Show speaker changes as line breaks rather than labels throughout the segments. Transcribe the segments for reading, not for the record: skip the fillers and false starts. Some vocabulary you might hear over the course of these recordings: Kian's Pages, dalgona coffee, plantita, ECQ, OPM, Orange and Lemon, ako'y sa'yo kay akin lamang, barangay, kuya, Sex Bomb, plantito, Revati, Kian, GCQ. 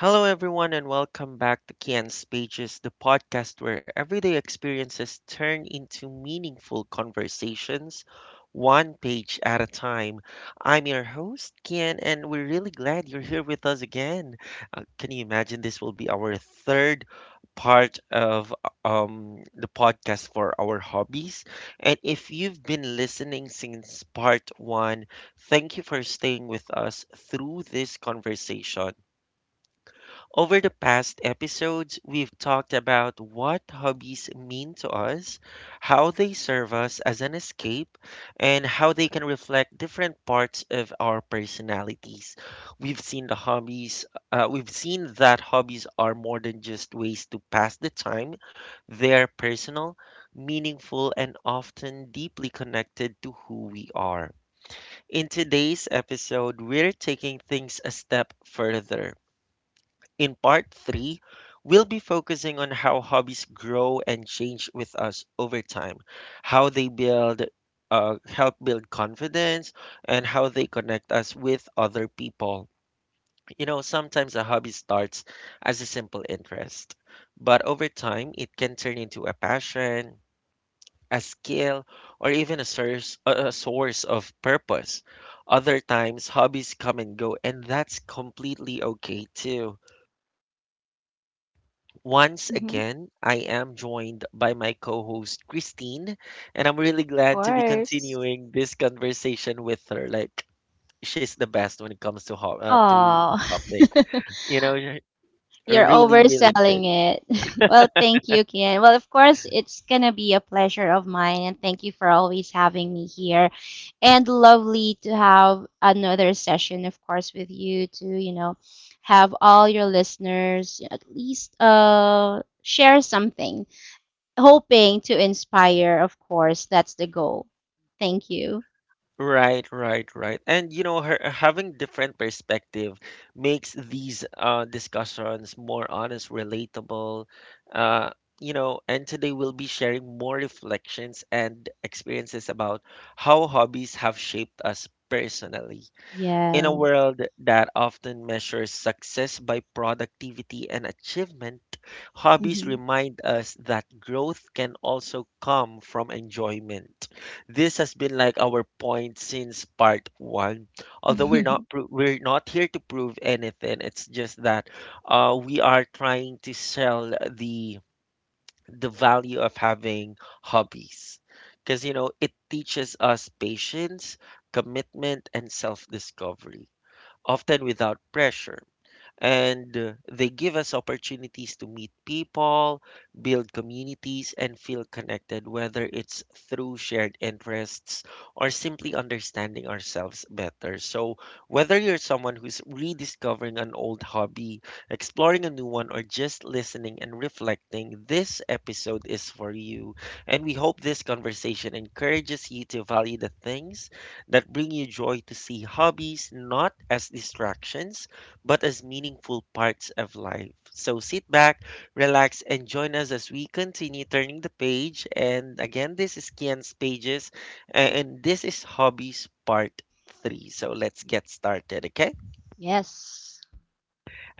Hello, everyone, and welcome back to Kian's Pages, the podcast where everyday experiences turn into meaningful conversations, one page at a time. I'm your host, Kian, and we're really glad you're here with us again. Can you imagine this will be our third part of the podcast for our hobbies? And if you've been listening since part one, thank you for staying with us through this conversation. Over the past episodes, we've talked about what hobbies mean to us, how they serve us as an escape, and how they can reflect different parts of our personalities. We've seen that hobbies are more than just ways to pass the time. They're personal, meaningful, and often deeply connected to who we are. In today's episode, we're taking things a step further. In part three, we'll be focusing on how hobbies grow and change with us over time, how they help build confidence, and how they connect us with other people. You know, sometimes a hobby starts as a simple interest, but over time, it can turn into a passion, a skill, or even a source of purpose. Other times, hobbies come and go, and that's completely okay too. Once
Hmm.
again, I am joined by my co host, Christine, and I'm really
Of
glad to be
course.
continuing this conversation with her. Like, she's the best when it comes to the
Oh,
topic. You know,
you're
really, really
overselling
good.
it. Well, thank you, Kian. Well, of course, it's gonna be a pleasure of mine, and thank you for always having me here. And lovely to have another session, of course, with you to, have all your listeners at least share something, hoping to inspire, of course. That's the goal. Thank you.
Right, right, right. And you know, her having different perspective makes these discussions more honest, relatable. Uh, you know, and today we'll be sharing more reflections and experiences about how hobbies have shaped us personally. In a
Yes.
world that often measures success by productivity and achievement, hobbies
Hmm.
remind us that growth can also come from enjoyment. This has been like our point since part 1. Although we're not pro- we're not here to prove anything, it's just that we are trying to sell the value of having hobbies. Because you know, it teaches us patience, commitment, and self-discovery often without pressure and they give us opportunities to meet people, build communities, and feel connected, whether it's through shared interests or simply understanding ourselves better. So, whether you're someone who's rediscovering an old hobby, exploring a new one, or just listening and reflecting, this episode is for you. And we hope this conversation encourages you to value the things that bring you joy to see hobbies not as distractions but as meaningful parts of life. So sit back, relax, and join us as we continue turning the page. And again, this is Kian's Pages, and this is Hobbies Part 3. So let's get started, okay?
Yes.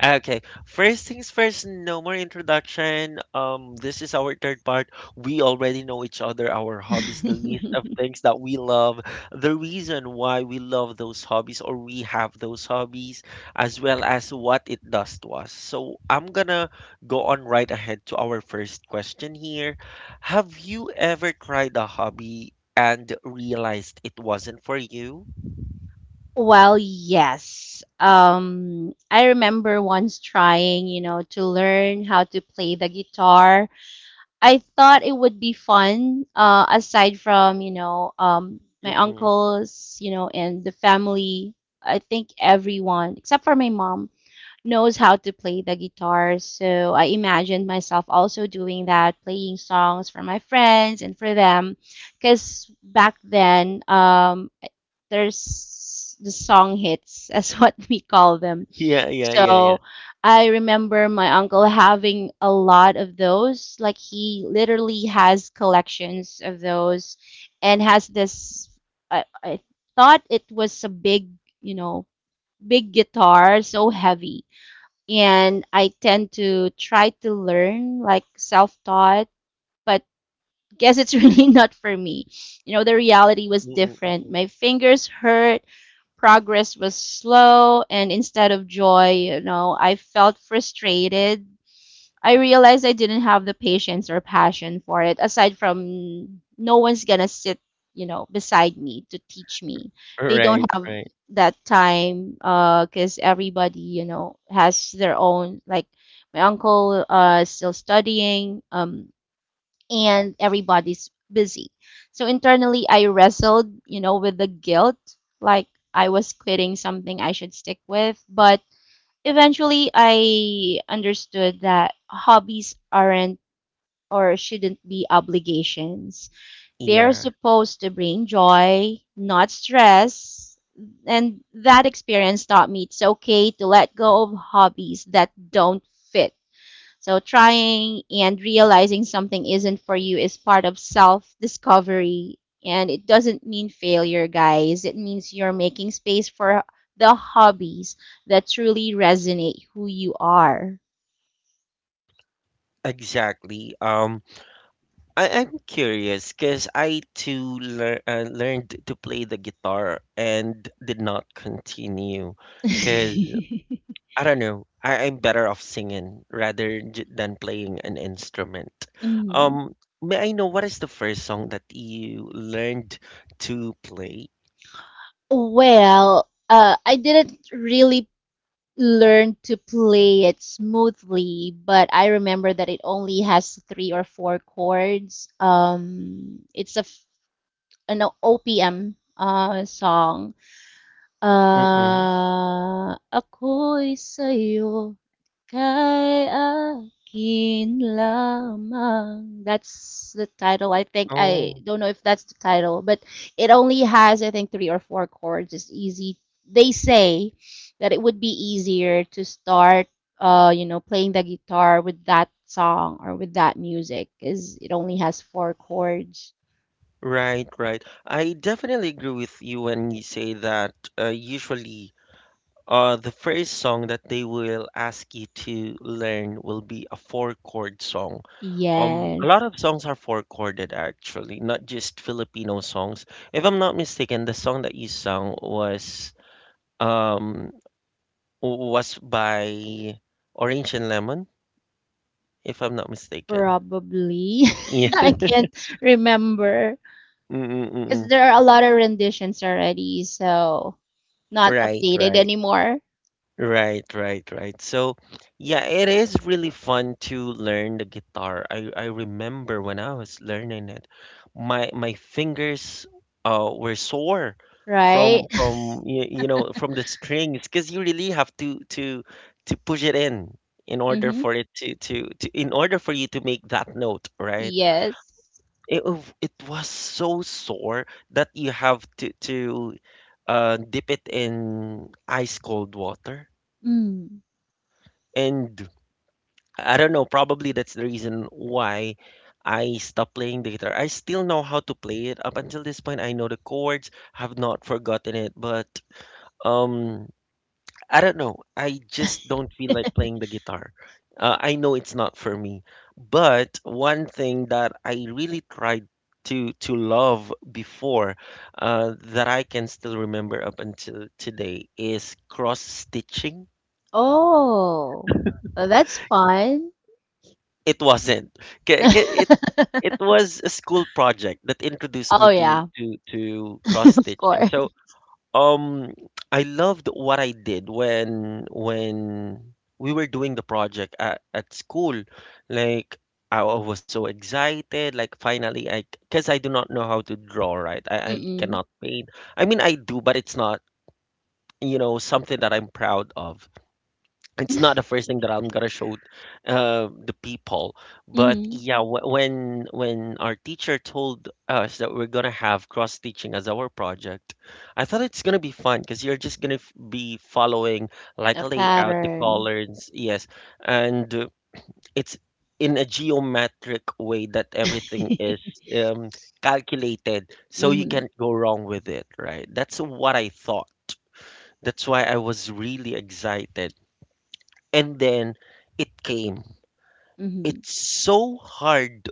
Okay, first things first, no more introduction. This is our third part. We already know each other, our hobbies, the list of things that we love, the reason why we love those hobbies or we have those hobbies, as well as what it does to us. So I'm gonna go on right ahead to our first question here. Have you ever tried a hobby and realized it wasn't for you?
Well, yes. I remember once trying, to learn how to play the guitar. I thought it would be fun, aside from, my
Mm-mm.
uncles, and the family. I think everyone, except for my mom, knows how to play the guitar. So I imagined myself also doing that, playing songs for my friends and for them because back then there's the song hits as what we call them.
Yeah, yeah, yeah, yeah.
So I remember my uncle having a lot of those. Like, he literally has collections of those and has this. I thought it was a big you know big guitar, so heavy, and I tend to try to learn, like, self-taught, but guess it's really not for me. The reality was different.
Mm-mm-mm.
My fingers hurt, progress was slow, and instead of joy, I felt frustrated. I realized I didn't have the patience or passion for it, aside from no one's gonna sit, beside me to teach me. They don't
Right,
have
right.
that time, because everybody, has their own, like, my uncle, is still studying. And everybody's busy. So internally, I wrestled, with the guilt, like I was quitting something I should stick with. But eventually, I understood that hobbies aren't or shouldn't be obligations. They're
Yeah,
supposed to bring joy, not stress. And that experience taught me it's okay to let go of hobbies that don't fit, so trying and realizing something isn't for you is part of self discovery. And it doesn't mean failure, guys. It means you're making space for the hobbies that truly resonate who you are.
exactly. I'm curious because I too learned to play the guitar and did not continue because I don't know. I'm better off singing rather j than playing an instrument.
Mhm.
Um, may I know what is the first song that you learned to play?
Well, I didn't really learn to play it smoothly, but I remember that it only has three or four chords. It's a an OPM, song.
Mm-mm.
Ah, ako'y sa'yo kay akin lamang. That's the title. I think I
Oh.
don't know if that's the title, but it only has I think three or four chords. It's easy. They say that it would be easier to start, playing the guitar with that song or with that music, because it only has four chords.
Right, right. I definitely agree with you when you say that usually the first song that they will ask you to learn will be a four chord song. A lot
Yes.
of songs are four chorded actually, not just Filipino songs. If I'm not mistaken, the song that you sung was um was by Orange and Lemon, if I'm not mistaken.
Probably.
Yeah.
I can't remember because
Mm-mm-mm.
there are a lot of renditions already, so not
Right,
updated
right.
anymore,
Right, right, right. So, yeah, it is really fun to learn the guitar. I remember when I was learning it, my fingers were sore from
right?
from you, you know from the strings because you really have to push it in order
Mm-hmm.
for it to in order for you to make that note, right?
Yes.
It was so sore that you have to dip it in ice cold water
Mm.
and I don't know, probably that's the reason why I stopped playing the guitar. I still know how to play it. Up until this point, I know the chords, have not forgotten it, but um I don't know. I just don't feel like playing the guitar. I know it's not for me. But one thing that I really tried to love before that I can still remember up until today is cross stitching.
Oh, well, that's fun.
It wasn't. 'Kay, 'kay, it was a school project that introduced me
Oh
to
yeah,
to to cross
of
stitching.
course.
So, um, I loved what I did when we were doing the project at school. Like I was so excited, like finally I, because I do not know how to draw, right? I
Mm-mm.
cannot paint. I mean, I do, but it's not, you know, something that I'm proud of it's not the first thing that I'm gonna show the people, but
Mm-hmm.
yeah, when our teacher told us that we're gonna have cross teaching as our project, I thought it's gonna be fun because you're just gonna be following like
A
a layout, the
pattern.
colors, yes, and it's in a geometric way that everything is um, calculated, so you
Mm-hmm.
can't go wrong with it, right? That's what I thought. That's why I was really excited and then it came.
Mm-hmm.
It's so hard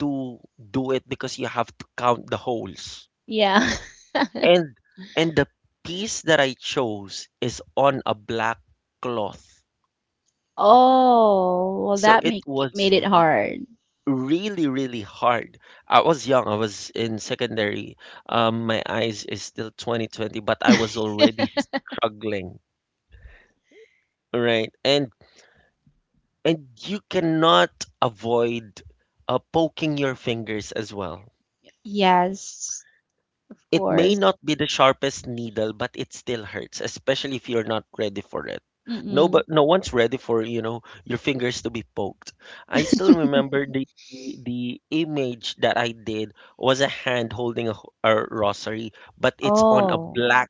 to do it because you have to count the holes.
Yeah.
And and the piece that I chose is on a black cloth.
Oh, well,
So
that
it
make
was
made it hard.
really really hard. I was young. I was in secondary. My eyes is still 20/20, but I was already struggling, right? And you cannot avoid poking your fingers as well.
Yes, of
It may
course.
not be the sharpest needle, but it still hurts, especially if you're not ready for it. No,
Mm.
but no one's ready for, you know, your fingers to be poked. I still remember the image that I did was a hand holding a rosary, but it's on a
Oh.
black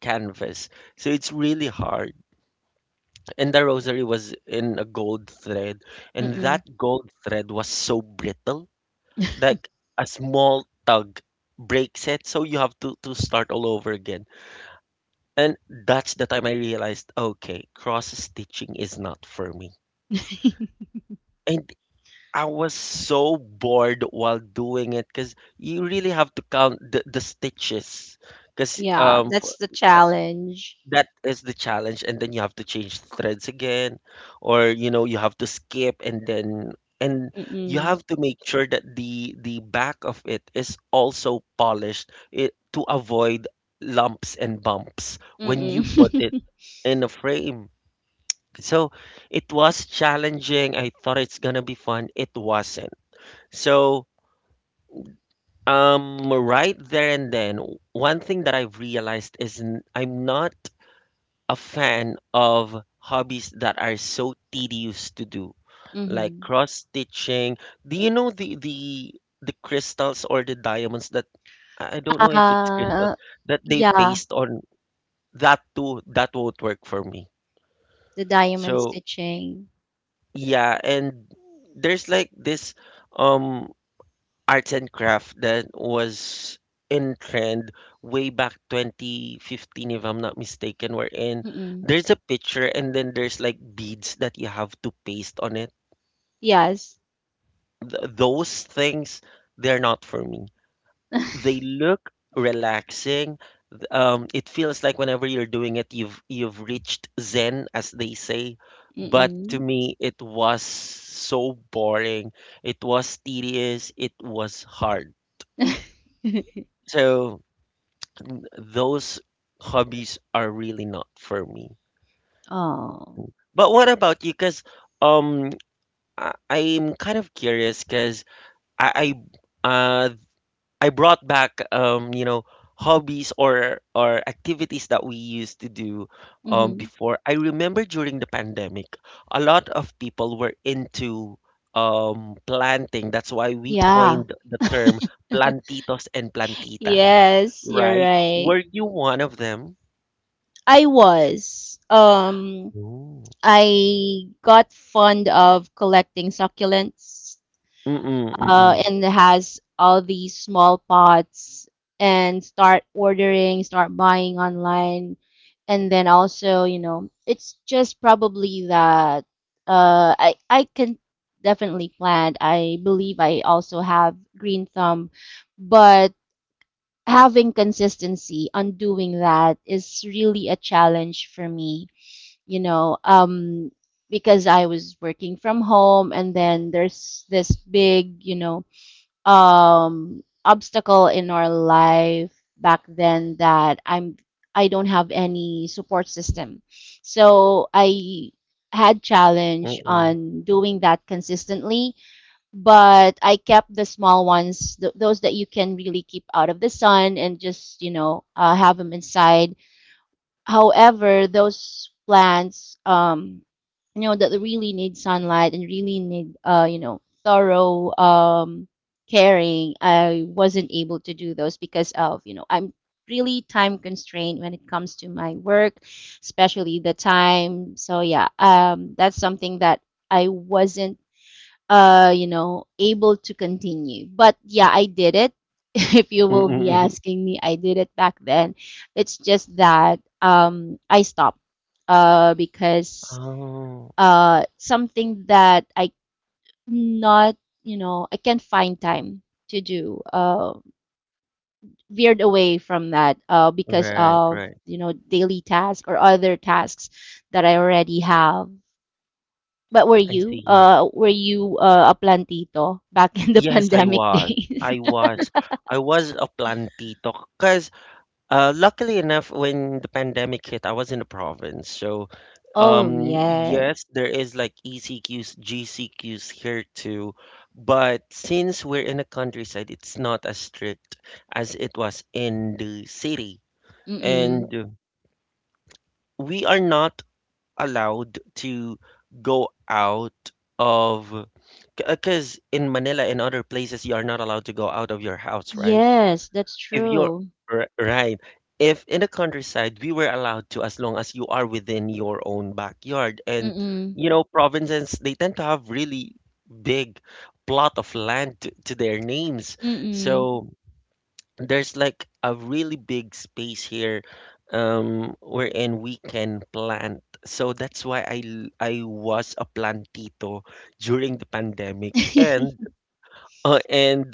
canvas. So it's really hard. And the rosary was in a gold thread, and
Mm.
that gold thread was so brittle, like a small tug breaks it, so you have to start all over again. And that's the time I realized, okay, cross stitching is not for me. And I was so bored while doing it because you really have to count the stitches because
Yeah, that's the
uh,
challenge.
that is the challenge and then you have to change threads again or you know you have to skip and then and you
Mm.
have to make sure that the back of it is also polished it, to avoid lumps and bumps when you put it
Mm.
in a frame. So it was challenging. I thought it's gonna be fun. It wasn't. So right there and then, one thing that I've realized is I'm not a fan of hobbies that are so tedious to do, like
Mhm.
cross stitching. Do you know the crystals or the diamonds that I don't know if it's crystals
Uh,
that they
yeah,
paste on, that too that won't work for me.
the diamond
So
stitching.
yeah, and there's like this um arts and craft that was in trend way back 2015 if I'm not mistaken wherein
Mm.
there's a picture and then there's like beads that you have to paste on it.
Yes.
Th Those things they're not for me. They look relaxing. It feels like whenever you're doing it, you've reached zen, as they say. But to
Mm.
me, it was so boring. It was tedious. It was hard. So those hobbies are really not for me.
Oh.
But what about you? Because um, I'm kind of curious because I, I uh, I brought back you know, hobbies or activities that we used to do
Mhm.
before. I remember during the pandemic, a lot of people were into planting. That's why we
Yeah.
coined the term plantitos and plantitas,
Yes, you're
right?
right.
Were you one of them?
I was.
Ooh.
I got fond of collecting succulents.
Mm-mm, mm-mm,
And has all these small pots and start ordering, start buying online. And then also, it's just probably that, I can definitely plant. I believe I also have green thumb, but having consistency on doing that is really a challenge for me, you know, um, because I was working from home and then there's this big, obstacle in our life back then that I don't have any support system. So I had challenge
mm-mm,
on doing that consistently, but I kept the small ones, those that you can really keep out of the sun and just, have them inside. However, those plants, that really need sunlight and really need, thorough caring, I wasn't able to do those because of, I'm really time constrained when it comes to my work, especially the time. So yeah, that's something that I wasn't able to continue. But yeah, I did it. If you
mm-mm,
will be
mm-mm.
asking me, I did it back then. It's just that, I stopped, because,
Oh,
something that I not, I can't find time to do. Veered away from that, because
right,
of,
right.
daily tasks or other tasks that I already have. But were
I
you,
see.
uh, were you, a plantito back in the
Yes, I
pandemic
was.
days?
I was. I was a plantito because luckily enough, when the pandemic hit, I was in the province. So,
Oh, yes.
yes, there is like ECQs, GCQs here too. But since we're in the countryside, it's not as strict as it was in the city.
Mm-mm.
And we are not allowed to go out of. Because in Manila and other places, you are not allowed to go out of your house, right?
Yes, that's
If you're
true.
r- right, if in the countryside, we were allowed to as long as you are within your own backyard. And
Mm-mm.
you know, provinces, they tend to have really big plot of land to their names.
Mm-mm.
So there's like a really big space here wherein we can plant. So that's why I was a plantito during the pandemic and uh, and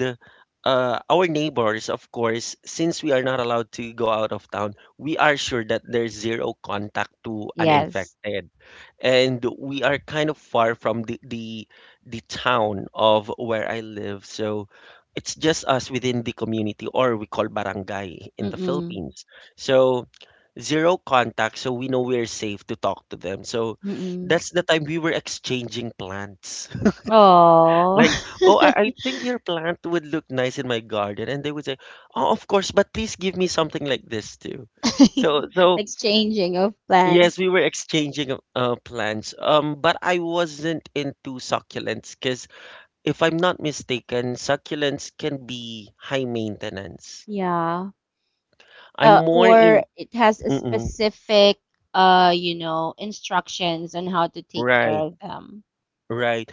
our neighbors, of course, since we are not allowed to go out of town, we are sure that there's zero contact to an
Yes.
infected. And we are kind of far from the town of where I live. So it's just us within the community or we call barangay in the
Mm-mm.
Philippines. So zero contact, so we know we're safe to talk to them. So
Mm-mm.
that's the time we were exchanging plants.
Oh.
Like, oh, I think your plant would look nice in my garden. And they would say, oh, of course, but please give me something like this too. So, so
Exchanging of plants.
yes, we were exchanging plants. But I wasn't into succulents because if I'm not mistaken, succulents can be high maintenance.
Yeah.
I'm more
Or
in,
it has a
mm-mm,
specific, instructions on how to take care
right,
of them.
right.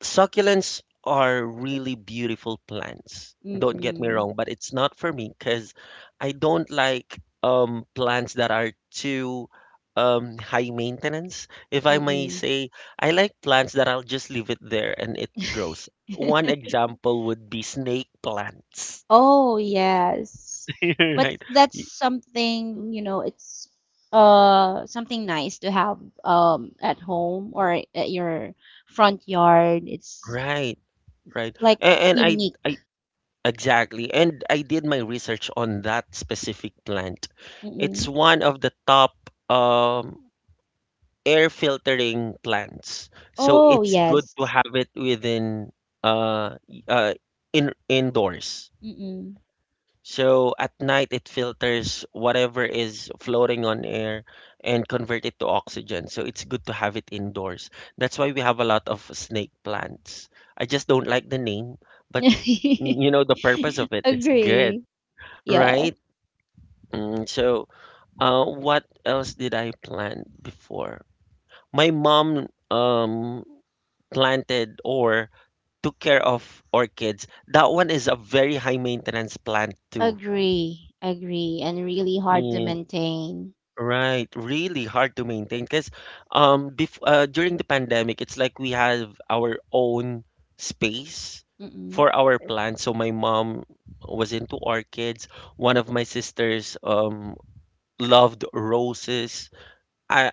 Succulents are really beautiful plants. Don't get me
Mm-mm.
wrong, but it's not for me because I don't like plants that are too high maintenance, if I may
Mm-mm.
say. I like plants that I'll just leave it there and it grows. One example would be snake plants.
Oh, yes. But
Right.
that's
Y-
something, it's something nice to have at home or at your front yard. It's,
Right, right.
like,
And I
unique.
exactly. And I did my research on that specific plant. It's
Mm-mm.
one of the top um air filtering plants. So
Oh,
it's good to
yes.
have it within uh, y- uh in indoors.
Mm-mm.
So at night it filters whatever is floating on air and convert it to oxygen. So it's good to have it indoors. That's why we have a lot of snake plants. I just don't like the name, but mm, you know the purpose of it is good,
Agree. Yeah.
right? So what else did I plant before? My mom planted or took care of orchids, that one is a very high maintenance plant too.
Agree. Agree. And really hard to
Yeah,
maintain.
right, really hard to maintain because bef during the pandemic, it's like we have our own space
Mm-mm.
for our plants. So my mom was into orchids. One of my sisters loved roses. I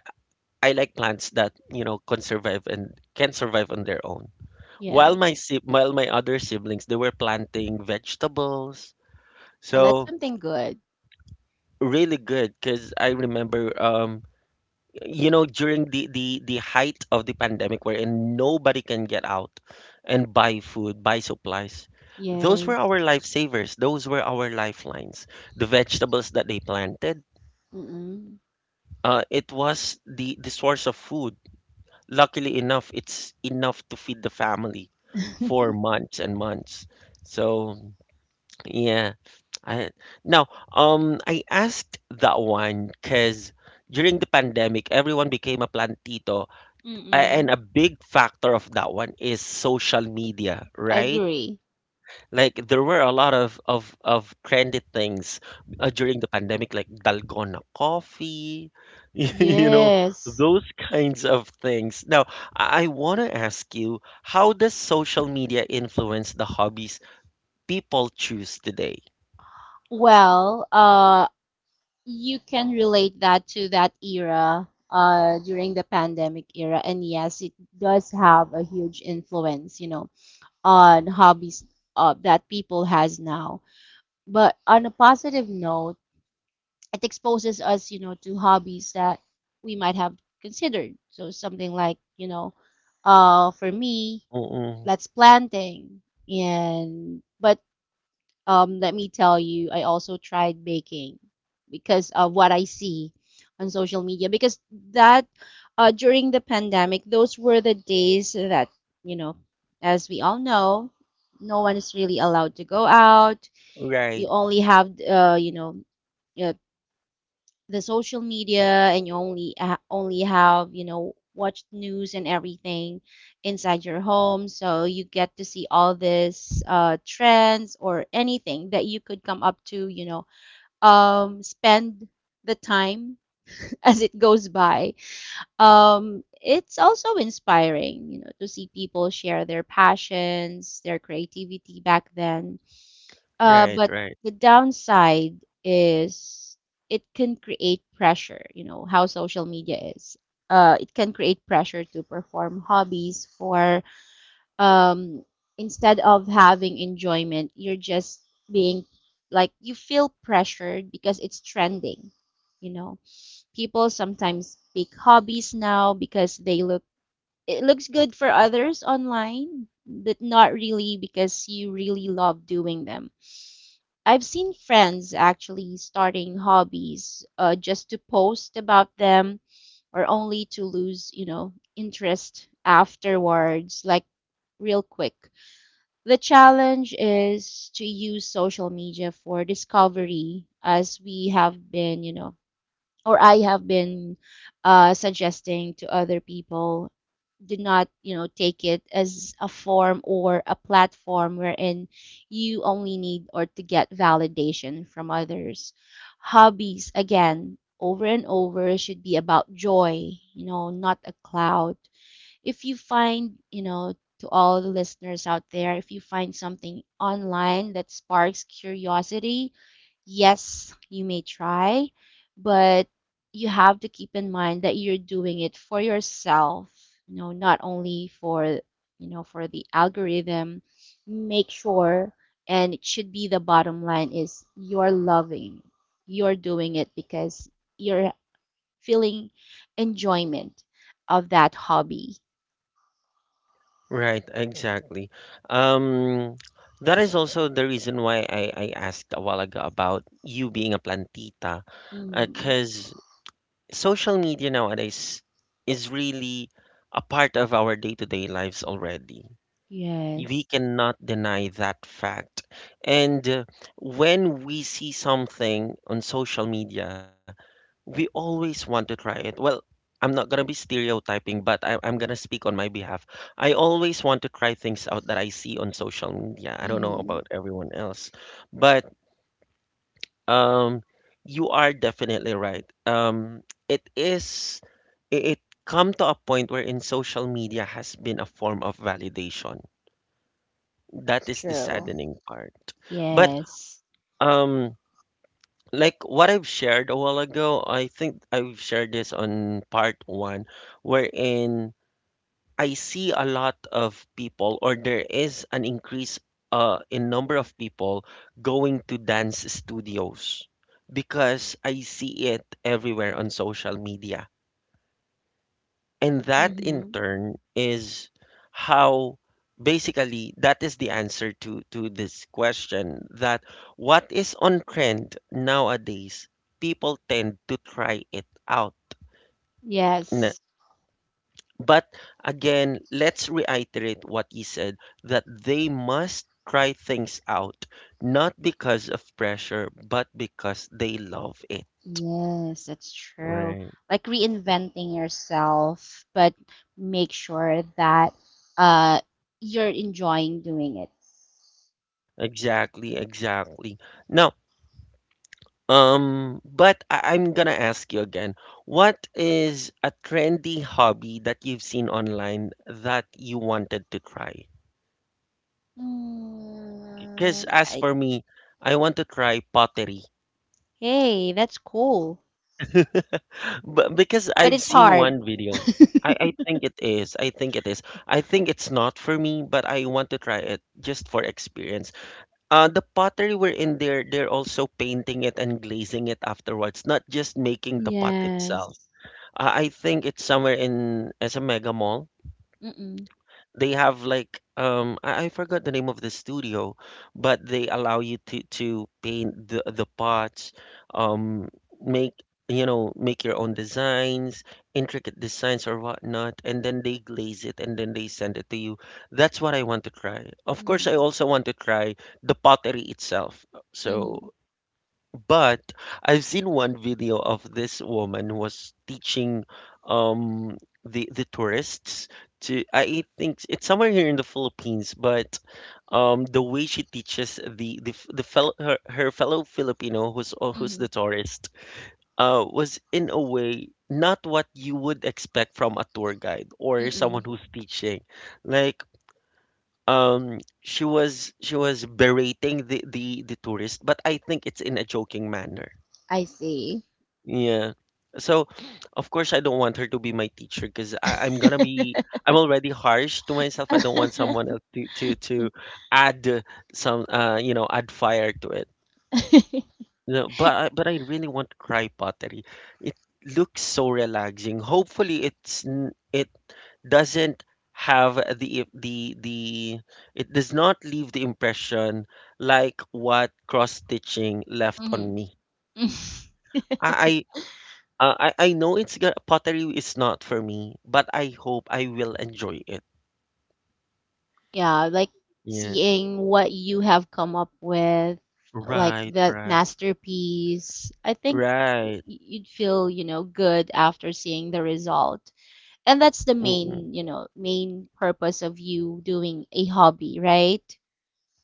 I like plants that, you know, can survive and can survive on their own. While
Yeah.
while my other siblings, they were planting vegetables.
Well, that's
So
something good.
really good because I remember you know during the height of the pandemic wherein nobody can get out and buy food, buy supplies. Those were
Yes.
our lifesavers. Those were our lifelines. The vegetables that they planted,
Mm-mm.
it was the source of food. Luckily enough, it's enough to feed the family for months and months. So yeah, I now, I asked that one because during the pandemic, everyone became a plantito, and
Mm-mm.
a big factor of that one is social media, right?
Agree.
Like there were a lot of trendy things during the pandemic, like dalgona coffee, you know,
Yes.
those kinds of things. Now, I want to ask you, how does social media influence the hobbies people choose today?
Well, you can relate that to that era, during the pandemic era, and yes, it does have a huge influence, on hobbies, that people has now. But on a positive note, it exposes us, to hobbies that we might have considered. So something like, for me,
Mm-mm.
that's planting, and but let me tell you, I also tried baking because of what I see on social media. Because that during the pandemic, those were the days that, you know, as we all know, no one is really allowed to go out. You
Right.
only have, uh, the social media, and you only have, watched news and everything inside your home, so you get to see all this, trends or anything that you could come up to, spend the time as it goes by. It's also inspiring, to see people share their passions, their creativity back then,
Right,
but
right,
the downside is it can create pressure, how social media is. It can create pressure to perform hobbies for, um, instead of having enjoyment, you're just being, like, you feel pressured because it's trending. You know, people sometimes pick hobbies now because they look, it looks good for others online, but not really because you really love doing them. I've seen friends actually starting hobbies, just to post about them or only to lose, interest afterwards, like real quick. The challenge is to use social media for discovery as we have been, or I have been, suggesting to other people. Do not, take it as a form or a platform wherein you only need or to get validation from others. Hobbies, again, over and over, should be about joy, not a cloud. If you find, to all the listeners out there, if you find something online that sparks curiosity, yes, you may try, but you have to keep in mind that you're doing it for yourself, not only for, for the algorithm. Make sure, and it should be, the bottom line is, you're loving, you're doing it because you're feeling enjoyment of that hobby.
right, exactly. Um, that is also the reason why I asked a while ago about you being a plantita,
Mm-hmm.
because social media nowadays is really a part of our day-to-day lives already. We
Yes.
cannot deny that fact. And when we see something on social media, we always want to try it. Well, I'm not gonna be stereotyping, but I'm gonna speak on my behalf. I always want to try things out that I see on social media. I don't know
Mm-hmm.
about everyone else, but um, you are definitely right. It is, it come to a point where in social media has been a form of validation.
It's
That is the
true.
saddening part. But
Yes.
um, like what I've shared a while ago, I think I've shared this on part one, wherein I see a lot of people, or there is an increase in number of people going to dance studios because I see it everywhere on social media and that in
Mm-hmm.
turn is how basically that is the answer to this question that what is on trend nowadays, people tend to try it out. Na-
Yes.
But again, let's reiterate what he said that they must try things out, not because of pressure, but because they love it.
Yes, that's true.
Right.
Like reinventing yourself, but make sure that, uh you're enjoying doing it.
Exactly, exactly. Now, um, but I I'm gonna ask you again, what is a trendy hobby that you've seen online that you wanted to try? Because
Mm,
as for me, I want to try pottery.
hey, that's cool,
But because
but
I've
it's
seen
hard.
one video, I think it is. I think it is. I think it's not for me, but I want to try it just for experience. The pottery we're in there, they're also painting it and glazing it afterwards, not just making the pot itself.
Yes.
I think it's somewhere in SM Mega Mall.
Mm-mm.
They have like I forgot the name of the studio, but they allow you to paint the pots, um make you know make your own designs, intricate designs or whatnot, and then they glaze it and then they send it to you. That's what I want to try. Of course, I
Mm-hmm.
also want to try the pottery itself.
Mm-hmm.
So but I've seen one video of this woman who was teaching um the tourists to I think it's somewhere here in the Philippines, but the way she teaches the fellow her fellow Filipino who's who's
Mm-hmm.
the tourist was in a way not what you would expect from a tour guide or someone
Mm-mm.
who's teaching. Like she was berating the tourist, but I think it's in a joking manner
I see.
yeah. So, of course, I don't want her to be my teacher because I'm gonna be, I'm already harsh to myself. I don't want someone
Mm-hmm.
else to add some, you know, add fire to it. No, but I really want to cry pottery. It looks so relaxing. Hopefully, it doesn't have the it does not leave the impression like what cross stitching left on me. I I know pottery is not for me, but I hope I will enjoy it.
Yeah, like
Yeah.
seeing what you have come up with, like
Right,
that
right.
masterpiece. I think
Right.
you'd feel, good after seeing the result. And that's the
Mm-mm.
main purpose of you doing a hobby, right?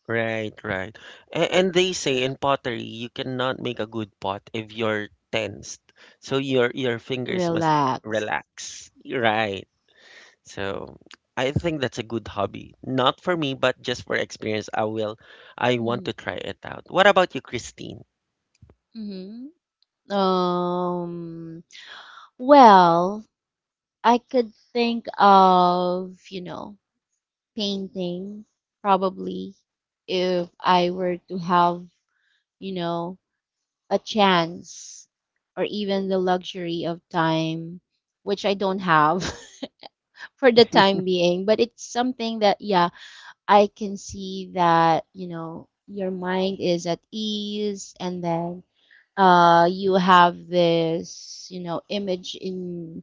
Right, right. And they say in pottery you cannot make a good pot if you're tensed. So your fingers must
Relax.
relax. Right. So I think that's a good hobby. Not for me, but just for experience, I want
Mm-hmm.
to try it out. What about you, Christine?
Mm-hmm. Um, well, I could think of, painting probably if I were to have, you know, a chance or even the luxury of time, which I don't have for the time being. But it's something that, yeah, I can see that, your mind is at ease and then, you have this, image in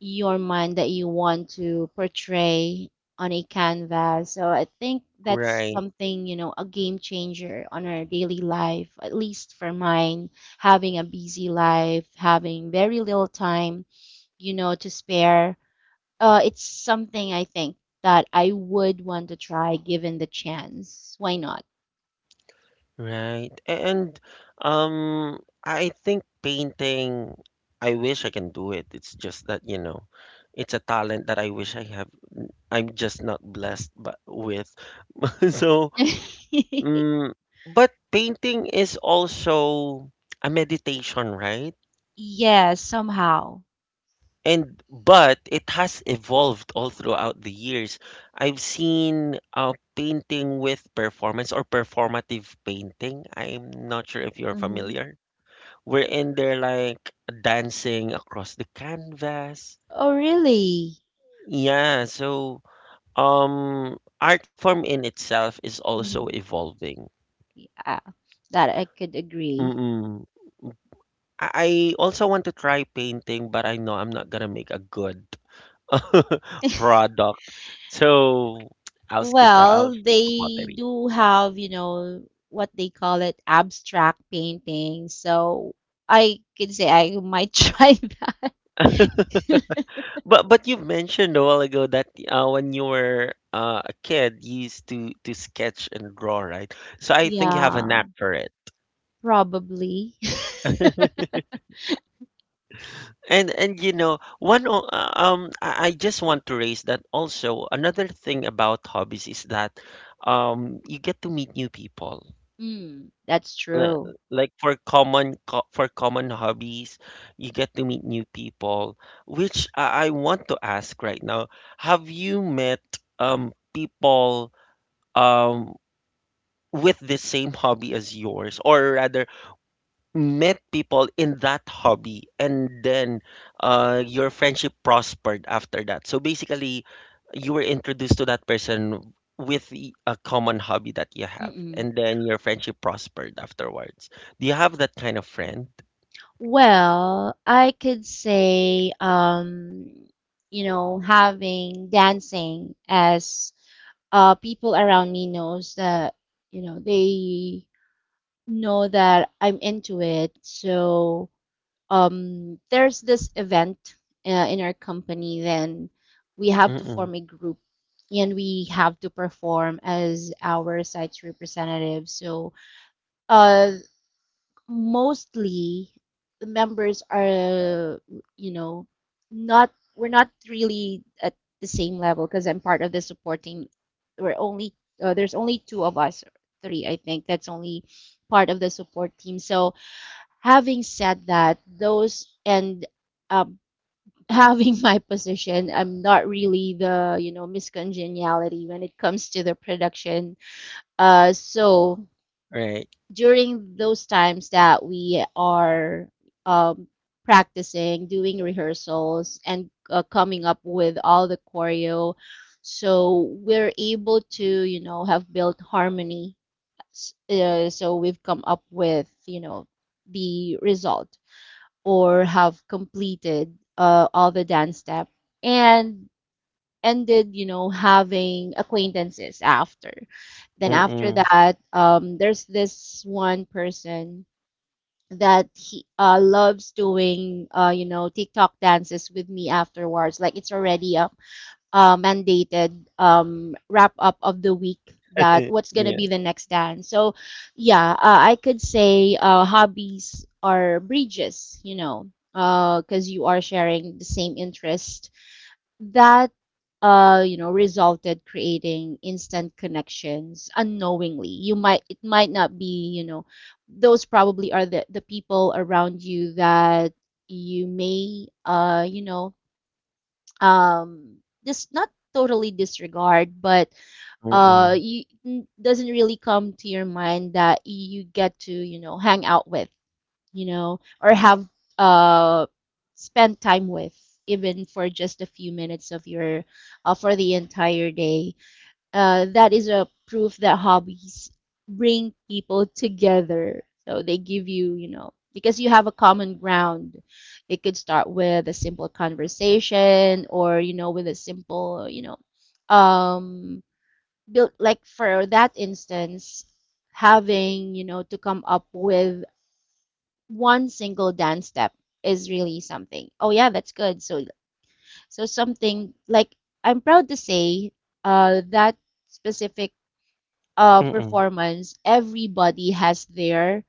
your mind that you want to portray on a canvas. So I think that's
Right.
something, a game changer on our daily life, at least for mine, having a busy life, having very little time, to spare. It's something I think that I would want to try given the chance. Why not?
Right. And I think painting I wish I can do it. It's just that, you know, it's a talent that I wish I have. I'm just not blessed but with. So, mm, but painting is also a meditation, right?
Yes, somehow.
And but it has evolved all throughout the years. I've seen painting with performance or performative painting. I'm not sure if you're
Hmm.
familiar. We're in there like dancing across the canvas.
Oh, really?
Yeah, so art form in itself is also
Hmm.
evolving.
Yeah, that I could agree.
Mm-mm. I also want to try painting, but I know I'm not gonna make a good product. So I'll skip that. I'll
Well,
stick to
they
pottery.
do have, what they call it, abstract painting. So I could say I might try that.
But you mentioned a while ago that when you were a kid, you used to sketch and draw, right? So I think you have a
Yeah,
knack for it.
probably.
And you know, I just want to raise that also another thing about hobbies is that you get to meet new people.
Mm, that's
Li-
true.
Like for for common hobbies, you get to meet new people, which I want to ask right now. Have you met people um with the same hobby as yours or rather met people in that hobby and then your friendship prospered after that. So basically, you were introduced to that person with a common hobby that you have,
Mm-mm.
and then your friendship prospered afterwards. Do you have that kind of friend?
Well, I could say, having dancing as people around me knows that, you know, they know that I'm into it. So there's this event in our company, then we have to
Mm-mm.
form a group and we have to perform as our site's representatives. So, uh, mostly the members are, you know, not, we're not really at the same level because I'm part of the supporting. We're only, there's only two of us, three, I think, that's only part of the support team. So, having said that, those and um, having my position, I'm not really the miscongeniality when it comes to the production. So
Right.
during those times that we are um, practicing, doing rehearsals, and coming up with all the choreo, so we're able to have built harmony. So we've come up with the result or have completed all the dance step and ended having acquaintances after then after
Mm-mm.
that there's this one person that he loves doing tiktok dances with me afterwards like it's already a mandated wrap up of the week that what's gonna
Yeah.
be the next dance. So yeah, I could say hobbies are bridges, you know, because you are sharing the same interest that resulted creating instant connections unknowingly. You might it might not be those probably are the people around you that you may um this not totally disregard but
Mm-mm.
you doesn't really come to your mind that you get to hang out with or have uh spend time with even for just a few minutes of your for the entire day that is a proof that hobbies bring people together. So they give you, you know, because you have a common ground. It could start with a simple conversation or, you know, with a simple, built like for that instance, having, you know, to come up with one single dance step is really something. Oh yeah, that's good. So something like I'm proud to say that specific
Mm-mm.
performance, everybody has their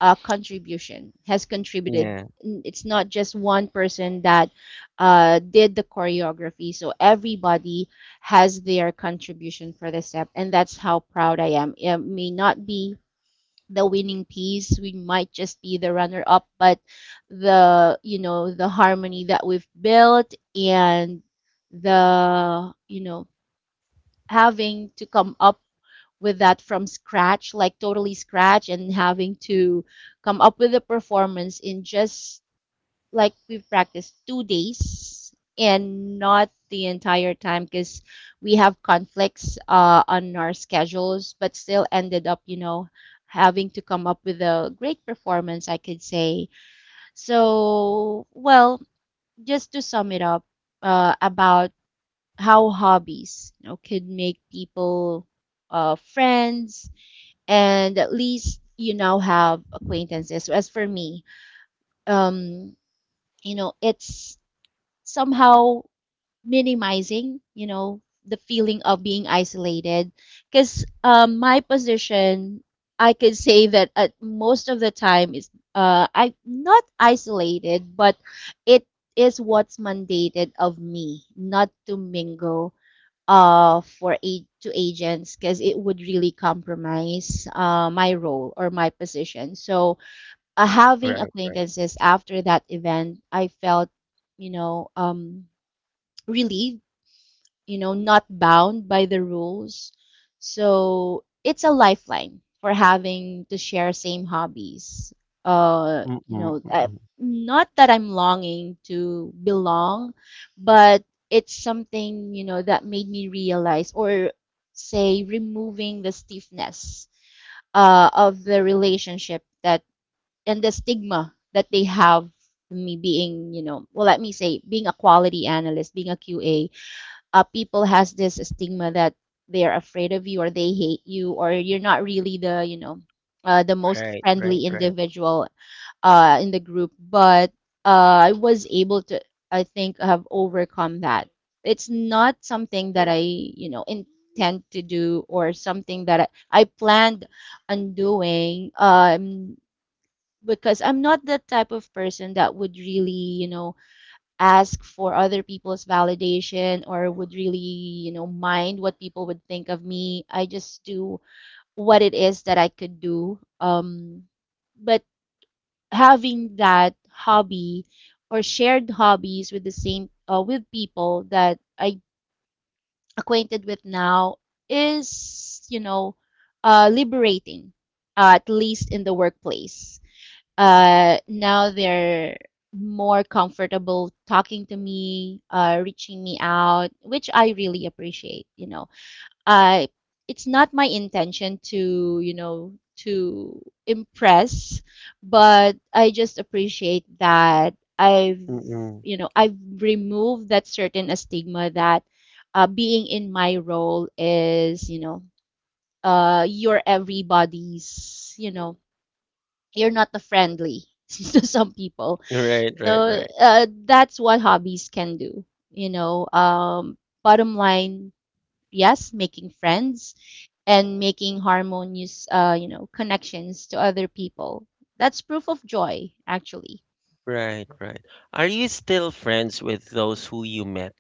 contribution, has contributed.
Yeah.
It's not just one person that did the choreography. So everybody has their contribution for the step. And that's how proud I am. It may not be the winning piece. We might just be the runner up, but the, you know, the harmony that we've built and the, you know, having to come up with that from scratch, like totally scratch, and having to come up with a performance in just like we practiced 2 days and not the entire time because we have conflicts on our schedules, but still ended up, you know, having to come up with a great performance, I could say. So, well, just to sum it up about how hobbies you know, could make people friends and at least you now have acquaintances. As for me, um, you know, it's somehow minimizing, you know, the feeling of being isolated. Because my position, I could say that at most of the time is I not isolated, but it is what's mandated of me not to mingle for to agents because it would really compromise my role or my position. So having
Right. Right.
acquaintances after that event, I felt, you know, relieved you know, not bound by the rules. So it's a lifeline for having to share same hobbies. Uh, you
Mm-mm.
know, uh,
Mm-mm.
not that I'm longing to belong, but it's something, you know, that made me realize or say removing the stiffness of the relationship that and the stigma that they have me being, you know, well, let me say, being a quality analyst, being a QA, people has this stigma that they're afraid of you or they hate you or you're not really the the most
Right. Right.
friendly
Right.
individual in the group but I was able to I think have overcome that it's not something that I intend to do or something that I planned on doing because I'm not the type of person that would really ask for other people's validation or would really, you know, mind what people would think of me. I just do what it is that I could do. But having that hobby or shared hobbies with the same with people that I acquainted with now is, you know, liberating, at least in the workplace now they're more comfortable talking to me, reaching me out, which I really appreciate. You know, I it's not my intention to to impress, but I just appreciate that I've
Mm-mm.
you know I've removed that certain stigma that being in my role is you're everybody's you're not the friendly to some people.
Right. Right.
So
Right.
that's what hobbies can do. You know, bottom line, yes, making friends and making harmonious, you know, connections to other people. That's proof of joy, actually.
Right, right. Are you still friends with those who you met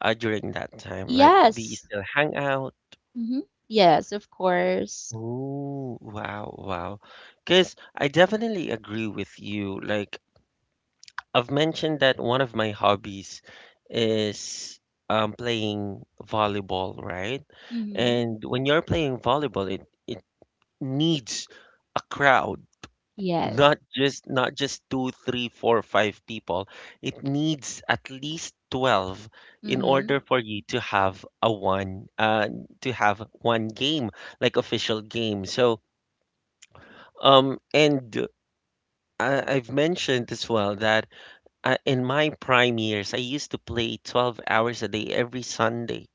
during that time? Like, do you
Yes.
still hang out?
Mm-hmm. Yes, of course.
Oh, wow, wow. Because I definitely agree with you. Like, I've mentioned that one of my hobbies is playing volleyball, right?
Mm-hmm.
And when you're playing volleyball, it needs a crowd.
Yes.
Not just not just two, three, four, five people. It needs at least 12 in
Mm-hmm.
order for you to have a one to have one game, like official game. So and I've mentioned as well that in my prime years, I used to play 12 hours a day every Sunday.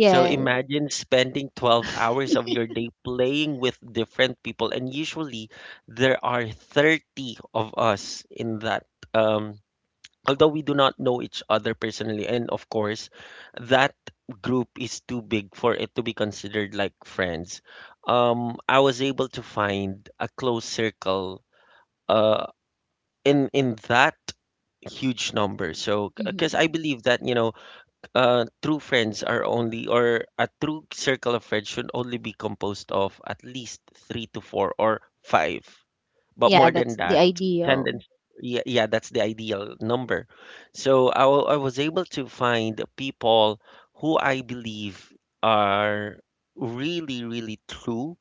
So imagine spending 12 hours of your day playing with different people, and usually there are 30 of us in that. Um, Although we do not know each other personally, and of course, that group is too big for it to be considered like friends. I was able to find a close circle uh, in that huge number. So, because
Mm-hmm.
I believe that true friends are only, or a true circle of friends should only be composed of at least three to four or five. But
Yeah,
more than
that's the
that,
ideal.
tendence, yeah, that's the ideal number. So I was able to find people who I believe are really, really true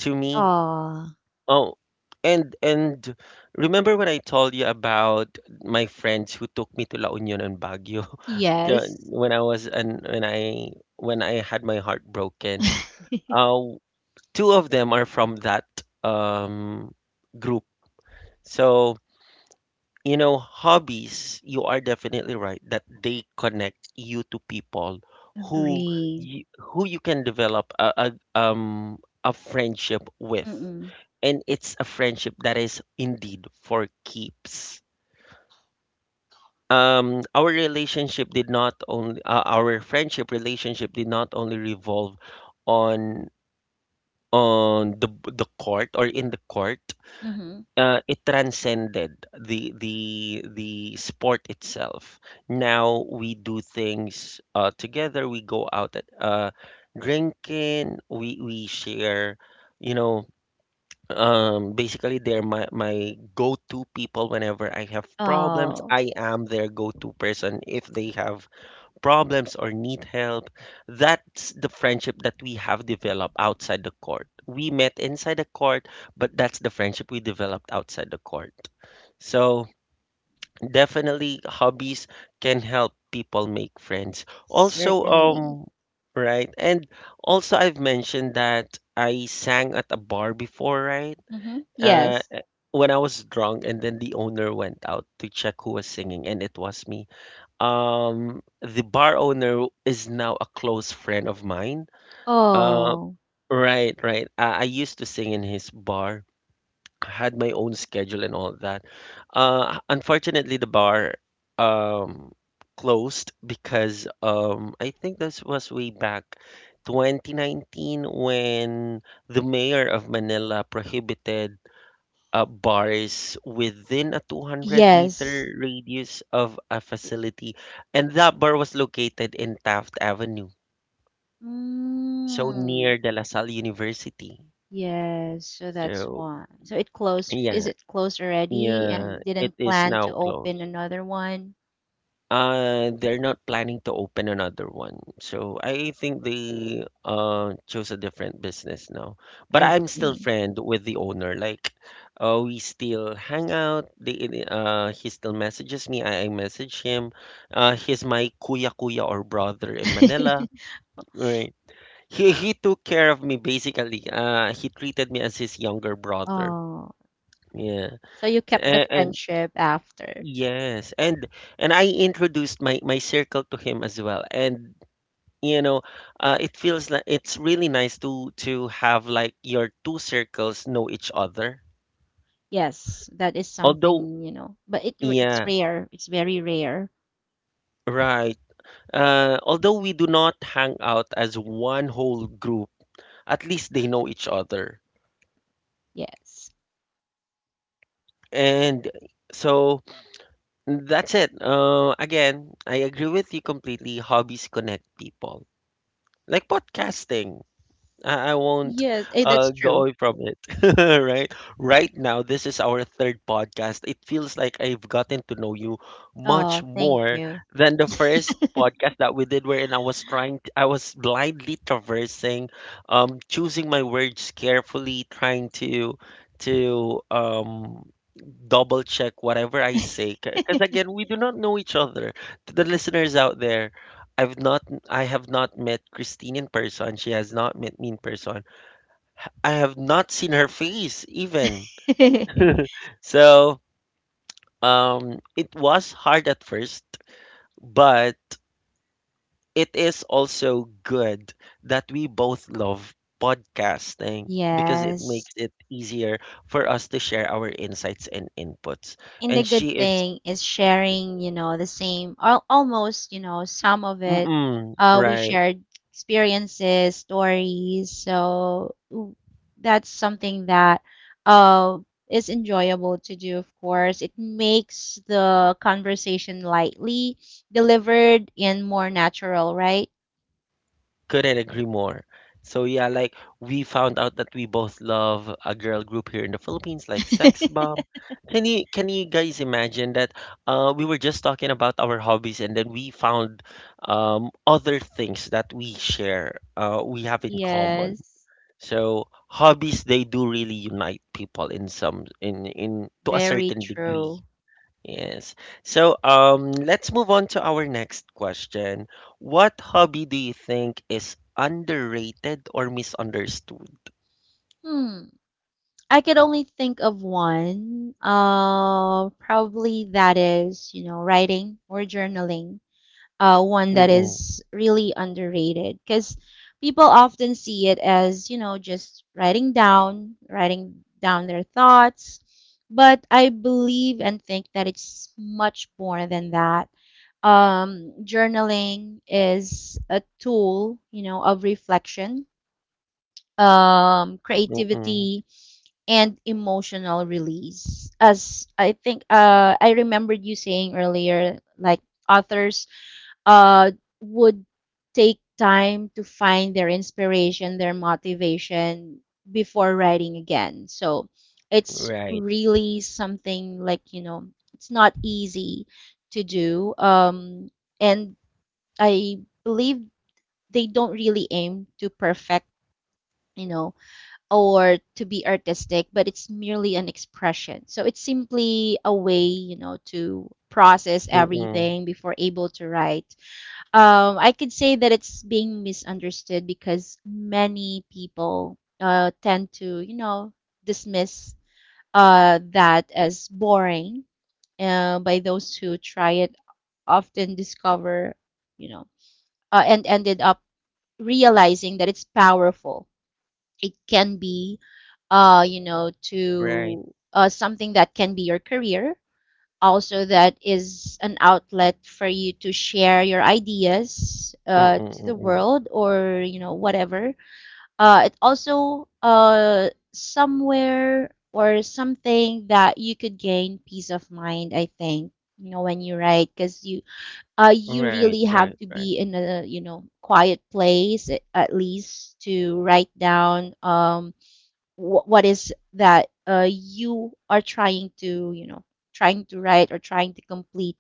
to me.
Ah,
Oh, and remember when I told you about my friends who took me to La Union and Baguio?
yes.
When I was and when I When I had my heart broken. Uh, Two of them are from that um group. So you know, hobbies. You are definitely right that they connect you to people who
Agree.
who you can develop a friendship with,
Mm-mm.
and it's a friendship that is indeed for keeps. Our relationship did not only our friendship relationship did not only revolve on on the court or in the court,
Mm-hmm.
it transcended the sport itself. Now we do things together, we go out at, drinking, we share, you know basically they're my go-to people whenever I have problems.
Oh,
I am their go-to person if they have problems or need help. That's the friendship that we have developed outside the court. We met inside the court, but that's the friendship we developed outside the court. So definitely hobbies can help people make friends. Also,
certainly.
right, and also I've mentioned that I sang at a bar before, right?
Mm-hmm.
Uh,
Yes.
when I was drunk, and then the owner went out to check who was singing, and it was me. The bar owner is now a close friend of mine. Uh,
Oh,
right, right. I used to sing in his bar. I had my own schedule and all that. Unfortunately, the bar um closed because I think this was way back 2019 when the mayor of Manila prohibited bars within a 200
yes.
meter radius of a facility. And that bar was located in Taft Avenue, so
Mm.
near the La Salle University.
Yes, so that's
So,
why. So it closed. Is
yeah,
it closed already
yeah,
and
it
didn't
is
plan
now
to
closed.
open another one?
They're not planning to open another one. So I think they chose a different business now. But
I
I'm still
see.
friend with the owner. Like, we still hang out. He still messages me. I message him. He's my kuya or brother in Manila. Right. He took care of me basically. He treated me as his younger brother.
Oh,
Yeah.
so you kept the
And
friendship after.
Yes, and I introduced my circle to him as well, and you know, it feels like it's really nice to have like your two circles know each other.
Yes, that is
Although,
something, you know, but it it's
yeah,
rare. It's very rare.
right. Although we do not hang out as one whole group, at least they know each other,
Yes.
and so that's it. Again, I agree with you completely. Hobbies connect people, like podcasting. I won't
Yes, eh, that's
go
true.
away from it. Right? Right now, this is our third podcast. It feels like I've gotten to know you much
Oh, thank
more
you.
than the first podcast that we did, wherein I was I was blindly traversing, choosing my words carefully, trying to to um double check whatever I say, because again we do not know each other. To the listeners out there, I've not I have not met Christine in person. She has not met me in person. I have not seen her face even. So it was hard at first, but it is also good that we both love podcasting, because it
Yes.
makes it easier for us to share our insights and inputs.
And the
And she
good
is,
thing is sharing, you know, the same, al almost, you know, some of it.
mm-mm,
We
right.
shared experiences, stories. That's something that uh, is enjoyable to do, of course. It makes the conversation lightly delivered and more natural, right?
Couldn't agree more. So yeah, like we found out that we both love a girl group here in the Philippines, like Sex Bomb. Can you guys imagine that? We were just talking about our hobbies, and then we found other things that we share, we have in common.
Yes.
So hobbies, they do really unite people in some in to a
Very
certain degree.
true.
Yes. So, let's move on to our next question. What hobby do you think is underrated or misunderstood?
Hmm. I could only think of one. Probably that is, you know, writing or journaling. One that
Mm-mm,
is really underrated because people often see it as, you know, writing down their thoughts. But I believe and think that it's much more than that. Journaling is a tool, you know, of reflection,
mm-mm,
creativity and emotional release. As I think I remembered you saying earlier, like authors uh would take time to find their inspiration, their motivation before writing again. So it's
right.
really something like, you know, it's not easy to do. And I believe they don't really aim to perfect, you know, or to be artistic, but it's merely an expression. So it's simply a way, you know, to process
Mm-mm,
everything before able to write. I could say that it's being misunderstood because many people tend to, you know, dismiss that as boring by those who try it, often discover, you know, and ended up realizing that it's powerful. It can be you know,
right.
to something that can be your career. Also, that is an outlet for you to share your ideas
Mm-mm,
to the
mm-mm,
world or, you know, whatever. It also somewhere or something that you could gain peace of mind, I think, you know, when you write, because you
right,
really have
right,
to
right.
be in a quiet place at least to write down what is that you are trying to trying to write or trying to complete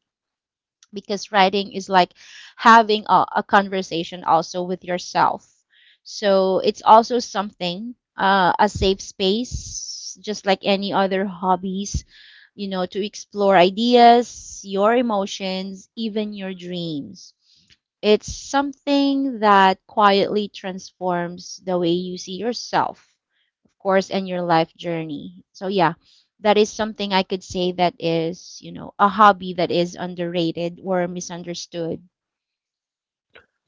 because writing is like having a conversation also with yourself, so it's also something a safe space just like any other hobbies, you know, to explore ideas, your emotions, even your dreams. It's something that quietly transforms the way you see yourself course, and your life journey. So yeah, that is something I could say that is, you know, a hobby that is underrated or misunderstood.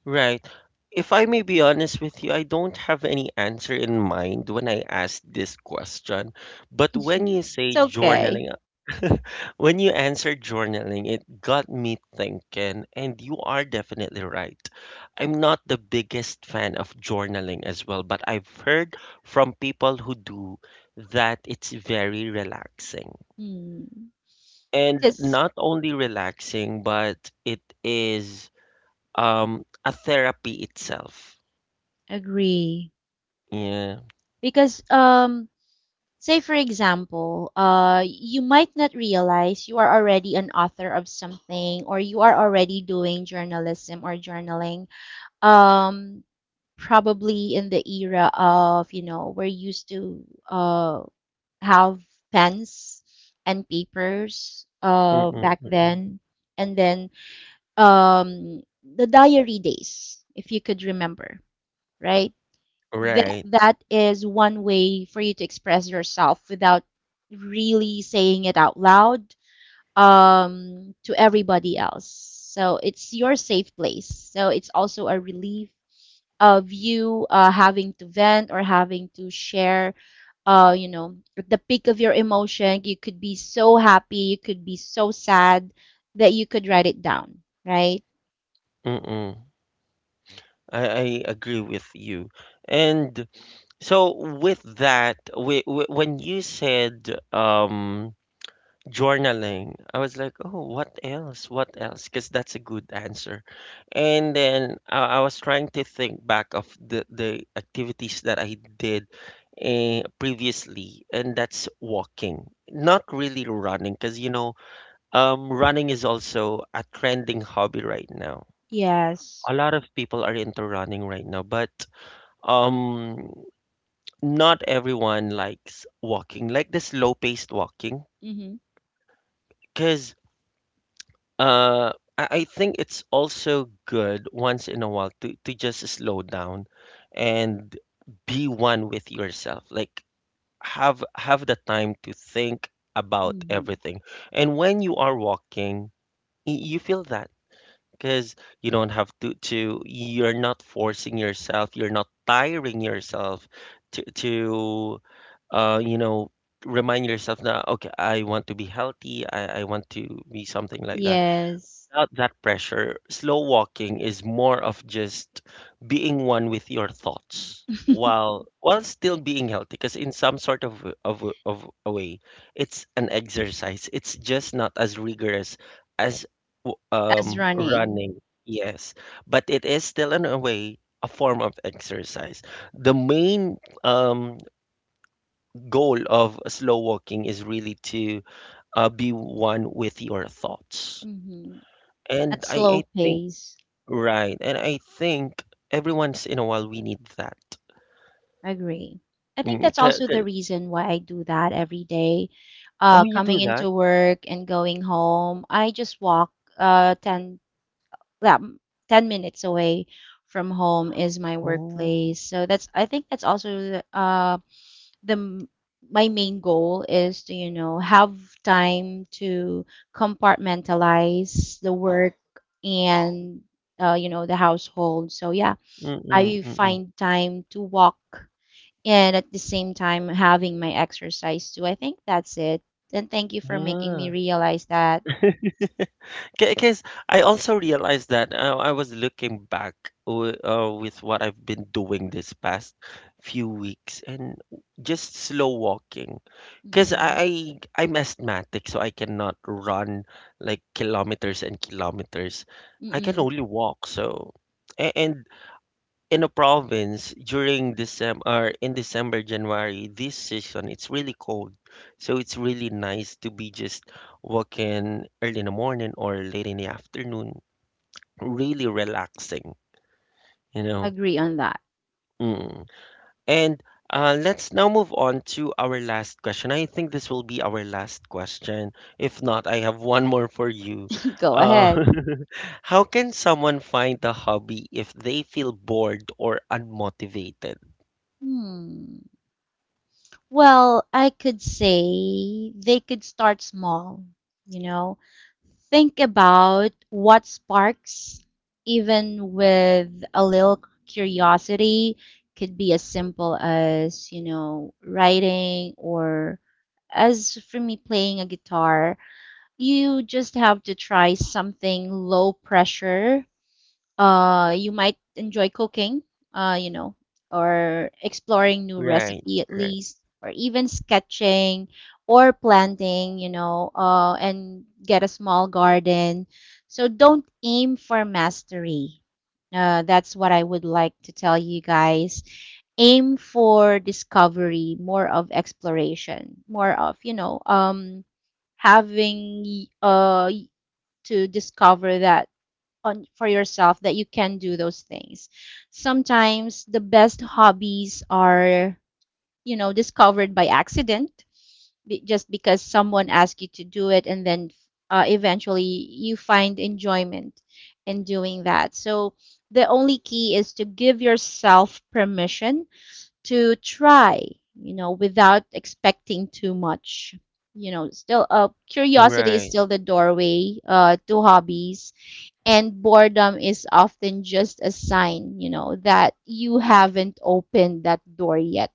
Right. If I may be honest with you, I don't have any answer in mind when I ask this question. But when you say
it's okay.
journaling, when you answer journaling, it got me thinking, and you are definitely right. I'm not the biggest fan of journaling as well, but I've heard from people who do that it's very relaxing.
Mm.
And
Just
not only relaxing, but it is a therapy itself.
agree.
Yeah.
Because say for example, you might not realize you are already an author of something or you are already doing journalism or journaling. Um probably in the era of, you know, we're used to have pens and papers
Mm, mm,
back
mm, mm.
then and then the diary days if you could remember, right? That
Right.
that is one way for you to express yourself without really saying it out loud to everybody else, so it's your safe place, so it's also a relief of you having to vent or having to share you know, at the peak of your emotion, you could be so happy, you could be so sad that you could write it down, right?
Mm, mm. I agree with you. And so with that, we, w when you said journaling, I was like, "Oh, what else? What else?" Cause that's a good answer. And then I was trying to think back of the activities that I did previously, and that's walking. Not really running, cause you know, running is also a trending hobby right now.
Yes.
A lot of people are into running right now, but um, not everyone likes walking, like the slow-paced walking,
Mm-hmm.
because uh, I think it's also good once in a while to just slow down and be one with yourself. Like have the time to think about
Mm-hmm.
everything, and when you are walking, you feel that, because you don't have to you're not forcing yourself, you're not tiring yourself to uh you know remind yourself that okay I want to be healthy, I want to be something like that.
Yes.
Without that pressure, slow walking is more of just being one with your thoughts while still being healthy. Because in some sort of w- of w- of a way, it's an exercise. It's just not as rigorous as
As running.
running. Yes, but it is still in a way a form of exercise. The main goal of slow walking is really to be one with your thoughts.
Mm-hmm. At
And
slow
I think.
pace.
Right. And I think every once in a while we need that.
Agree. I think
Mm,
that's
ca-
also the
ca-
reason why I do that every day.
oh, you
Coming
do that?
into work and going home, I just walk uh, 10, yeah, 10 minutes away from home is my
Oh,
workplace. So that's I think that's also the, uh the m- my main goal is to, you know, have time to compartmentalize the work and you know, the household. So yeah,
mm-mm,
I
mm-mm.
find time to walk and at the same time having my exercise too. I think that's it. And thank you for making me
Yeah.
realize that.
Because I also realized that I was looking back w with what I've been doing this past few weeks, and just slow walking. Because
Mm-mm.
I'm asthmatic, so I cannot run like kilometers and kilometers. I can
Mm-mm.
only walk. So, a- and in a province during December or in December, January, this season, it's really cold. So it's really nice to be just walking early in the morning or late in the afternoon. Really relaxing, you know.
Agree on that.
Mm. And let's now move on to our last question. I think this will be our last question. If not, I have one more for you.
Go
Uh,
ahead.
how can someone find a hobby if they feel bored or unmotivated?
Hmm. Well, I could say they could start small, you know. Think about what sparks, even with a little curiosity, could be as simple as, you know, writing or as for me playing a guitar. You just have to try something low pressure you might enjoy cooking, uh, you know, or exploring new
Right,
recipe at
right,
least, or even sketching or planting, you know, and get a small garden. So don't aim for mastery. That's what I would like to tell you guys. Aim for discovery, more of exploration, more of, you know, having to discover that on for yourself that you can do those things. Sometimes the best hobbies are, you know, discovered by accident, just because someone asked you to do it, and then eventually you find enjoyment in doing that. So the only key is to give yourself permission to try, you know, without expecting too much. You know, still, curiosity is
right,
still the doorway to hobbies and boredom is often just a sign, you know, that you haven't opened that door yet.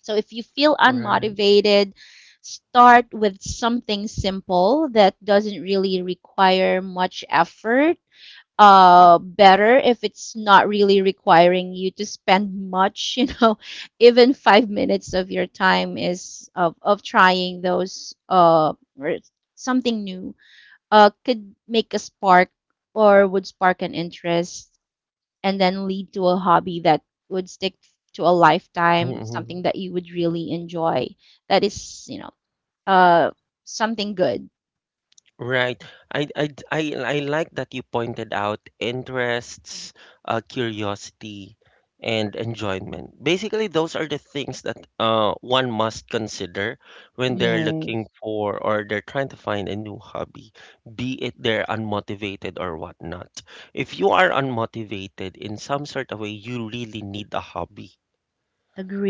So if you feel
right,
unmotivated, start with something simple that doesn't really require much effort. Better if it's not really requiring you to spend much, you know, even 5 minutes of your time is of trying those or something new could make a spark or would spark an interest and then lead to a hobby that would stick to a lifetime,
mm-hmm.
something that you would really enjoy. That is, you know, uh, something good.
Right. I like that you pointed out interests, curiosity, and enjoyment. Basically, those are the things that one must consider when they're looking
Yes,
for, or they're trying to find a new hobby, be it they're unmotivated or whatnot. If you are unmotivated in some sort of way, you really need a hobby.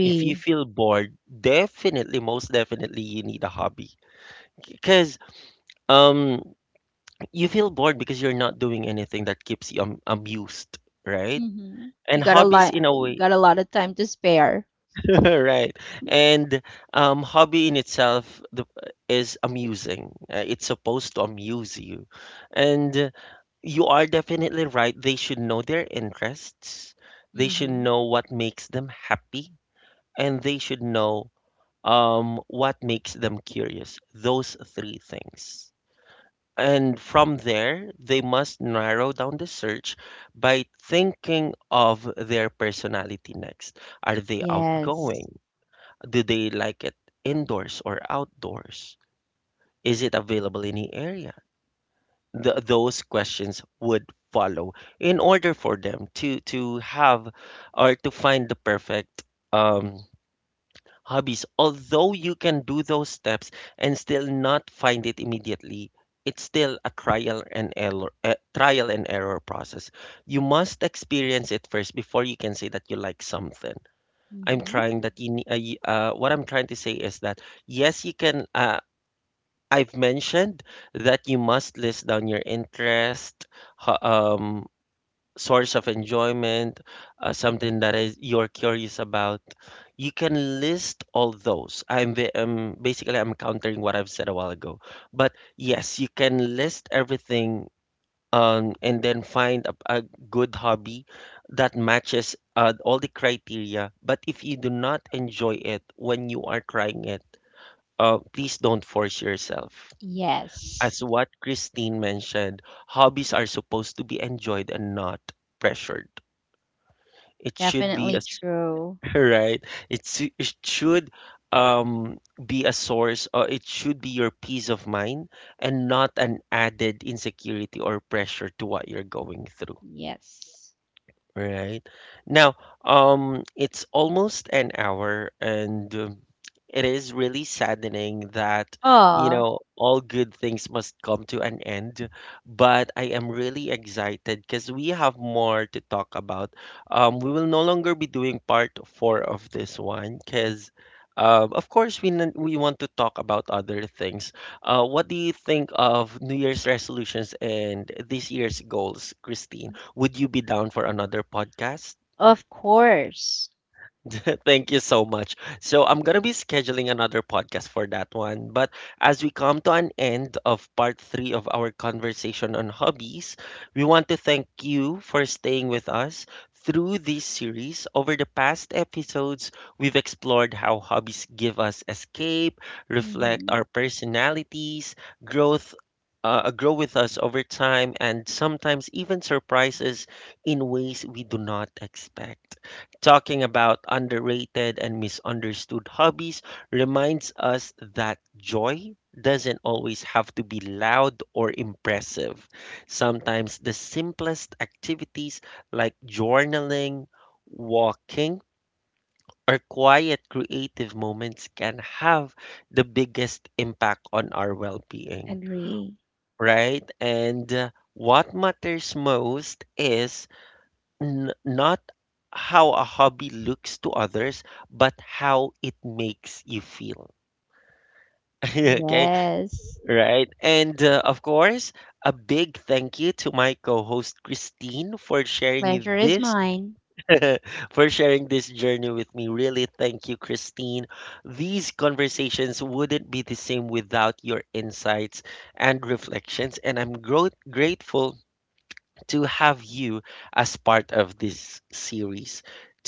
If you feel bored, definitely, most definitely, you need a hobby. Because um, you feel bored because you're not doing anything that keeps you amused, right?
You
And hobbies, in a way,
got a lot of time to spare.
right? And hobby in itself the, is amusing. It's supposed to amuse you. And you are definitely right. They should know their interests. They should
Mm-hmm.
know what makes them happy. And they should know what makes them curious? Those three things. And from there, they must narrow down the search by thinking of their personality next. Are they
Yes.
outgoing? Do they like it indoors or outdoors? Is it available in the area? Th Those questions would follow in order for them to have or to find the perfect um, hobbies. Although you can do those steps and still not find it immediately, it's still a trial and error process. You must experience it first before you can say that you like something. I'm
Mm-hmm.
trying that you, ne- y- what I'm trying to say is that yes, you can. I've mentioned that you must list down your interest, ho- um, source of enjoyment, something that is you're curious about, you can list all those. Basically I'm countering what I've said a while ago, but yes, you can list everything and then find a good hobby that matches all the criteria. But if you do not enjoy it when you are trying it, please don't force yourself. As
Yes.
what Christine mentioned, hobbies are supposed to be enjoyed and not pressured. It should be
Definitely
a s-
true.
right. It should um be a source or it should be your peace of mind and not an added insecurity or pressure to what you're going through.
Yes.
Right. Now, it's almost an hour, and it is really saddening that, you
Oh,
know, all good things must come to an end. But I am really excited because we have more to talk about. We will no longer be doing part four of this one because, of course, we want to talk about other things. What do you think of New Year's resolutions and this year's goals, Christine? Would you be down for another podcast?
of course.
Thank you so much. So I'm going to be scheduling another podcast for that one. But as we come to an end of part three of our conversation on hobbies, we want to thank you for staying with us through this series. Over the past episodes, we've explored how hobbies give us escape, reflect
Mm-hmm.
our personalities, growth. Grow with us over time and sometimes even surprises in ways we do not expect. Talking about underrated and misunderstood hobbies reminds us that joy doesn't always have to be loud or impressive. Sometimes the simplest activities like journaling, walking, or quiet creative moments can have the biggest impact on our well being,
Agree.
right? And what matters most is not how a hobby looks to others, but how it makes you feel. Okay,
Yes.
right. And of course, a big thank you to my co-host Christine for sharing
Pleasure is
this
mine.
for sharing this journey with me. Really, thank you, Christine. These conversations wouldn't be the same without your insights and reflections, and I'm grateful to have you as part of this series.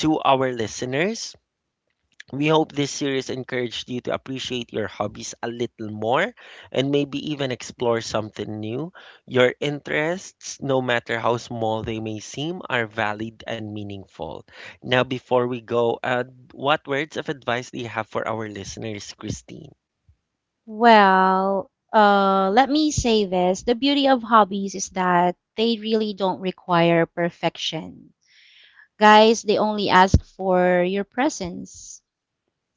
To our listeners, we hope this series encouraged you to appreciate your hobbies a little more and maybe even explore something new. Your interests, no matter how small they may seem, are valid and meaningful. Now, before we go, what words of advice do you have for our listeners, Christine?
Well, let me say this. The beauty of hobbies is that they really don't require perfection. Guys, they only ask for your presence.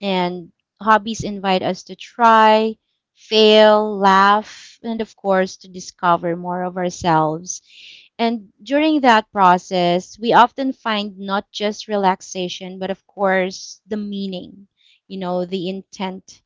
And hobbies invite us to try, fail, laugh, and of course, to discover more of ourselves. And during that process, we often find not just relaxation, but of course, the meaning, you know, the intent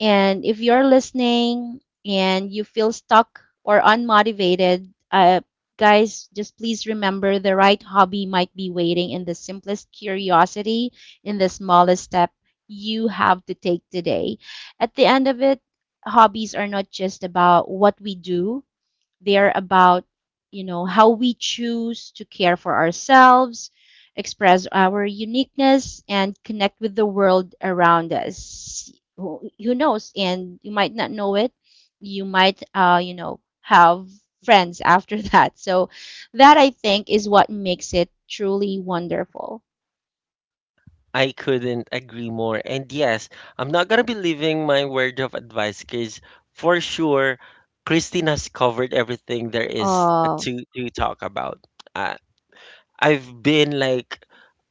and if you're listening and you feel stuck or unmotivated, guys, just please remember the right hobby might be waiting in the simplest curiosity, in the smallest step you have to take today. At the end of it, hobbies are not just about what we do, they are about, you know, how we choose to care for ourselves, express our uniqueness, and connect with the world around us. Who knows? And you might not know it. You might, have friends after that. So that I think is what makes it truly wonderful.
I couldn't agree more. And yes, I'm not gonna be leaving my word of advice because for sure, Christine has covered everything there is
Oh,
to talk about. Uh, I've been like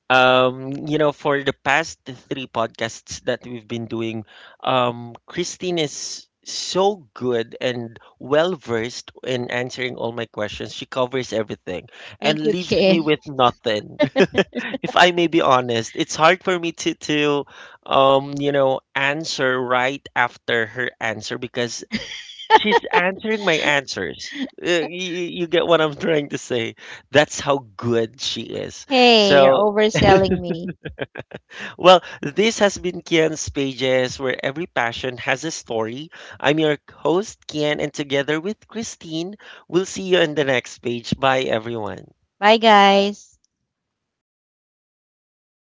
you know, for the past three podcasts that we've been doing, Christine is so good and well versed in answering all my questions. She covers everything and
thank you,
leaves me
Kin.
with nothing. If I may be honest, it's hard for me to you know, answer right after her answer because she's answering my answers. You get what I'm trying to say. That's how good she is.
Hey, you're
So
overselling me.
well, this has been Kian's Pages, where every passion has a story. I'm your host, Kian, and together with Christine, we'll see you on the next page. Bye, everyone.
Bye, guys.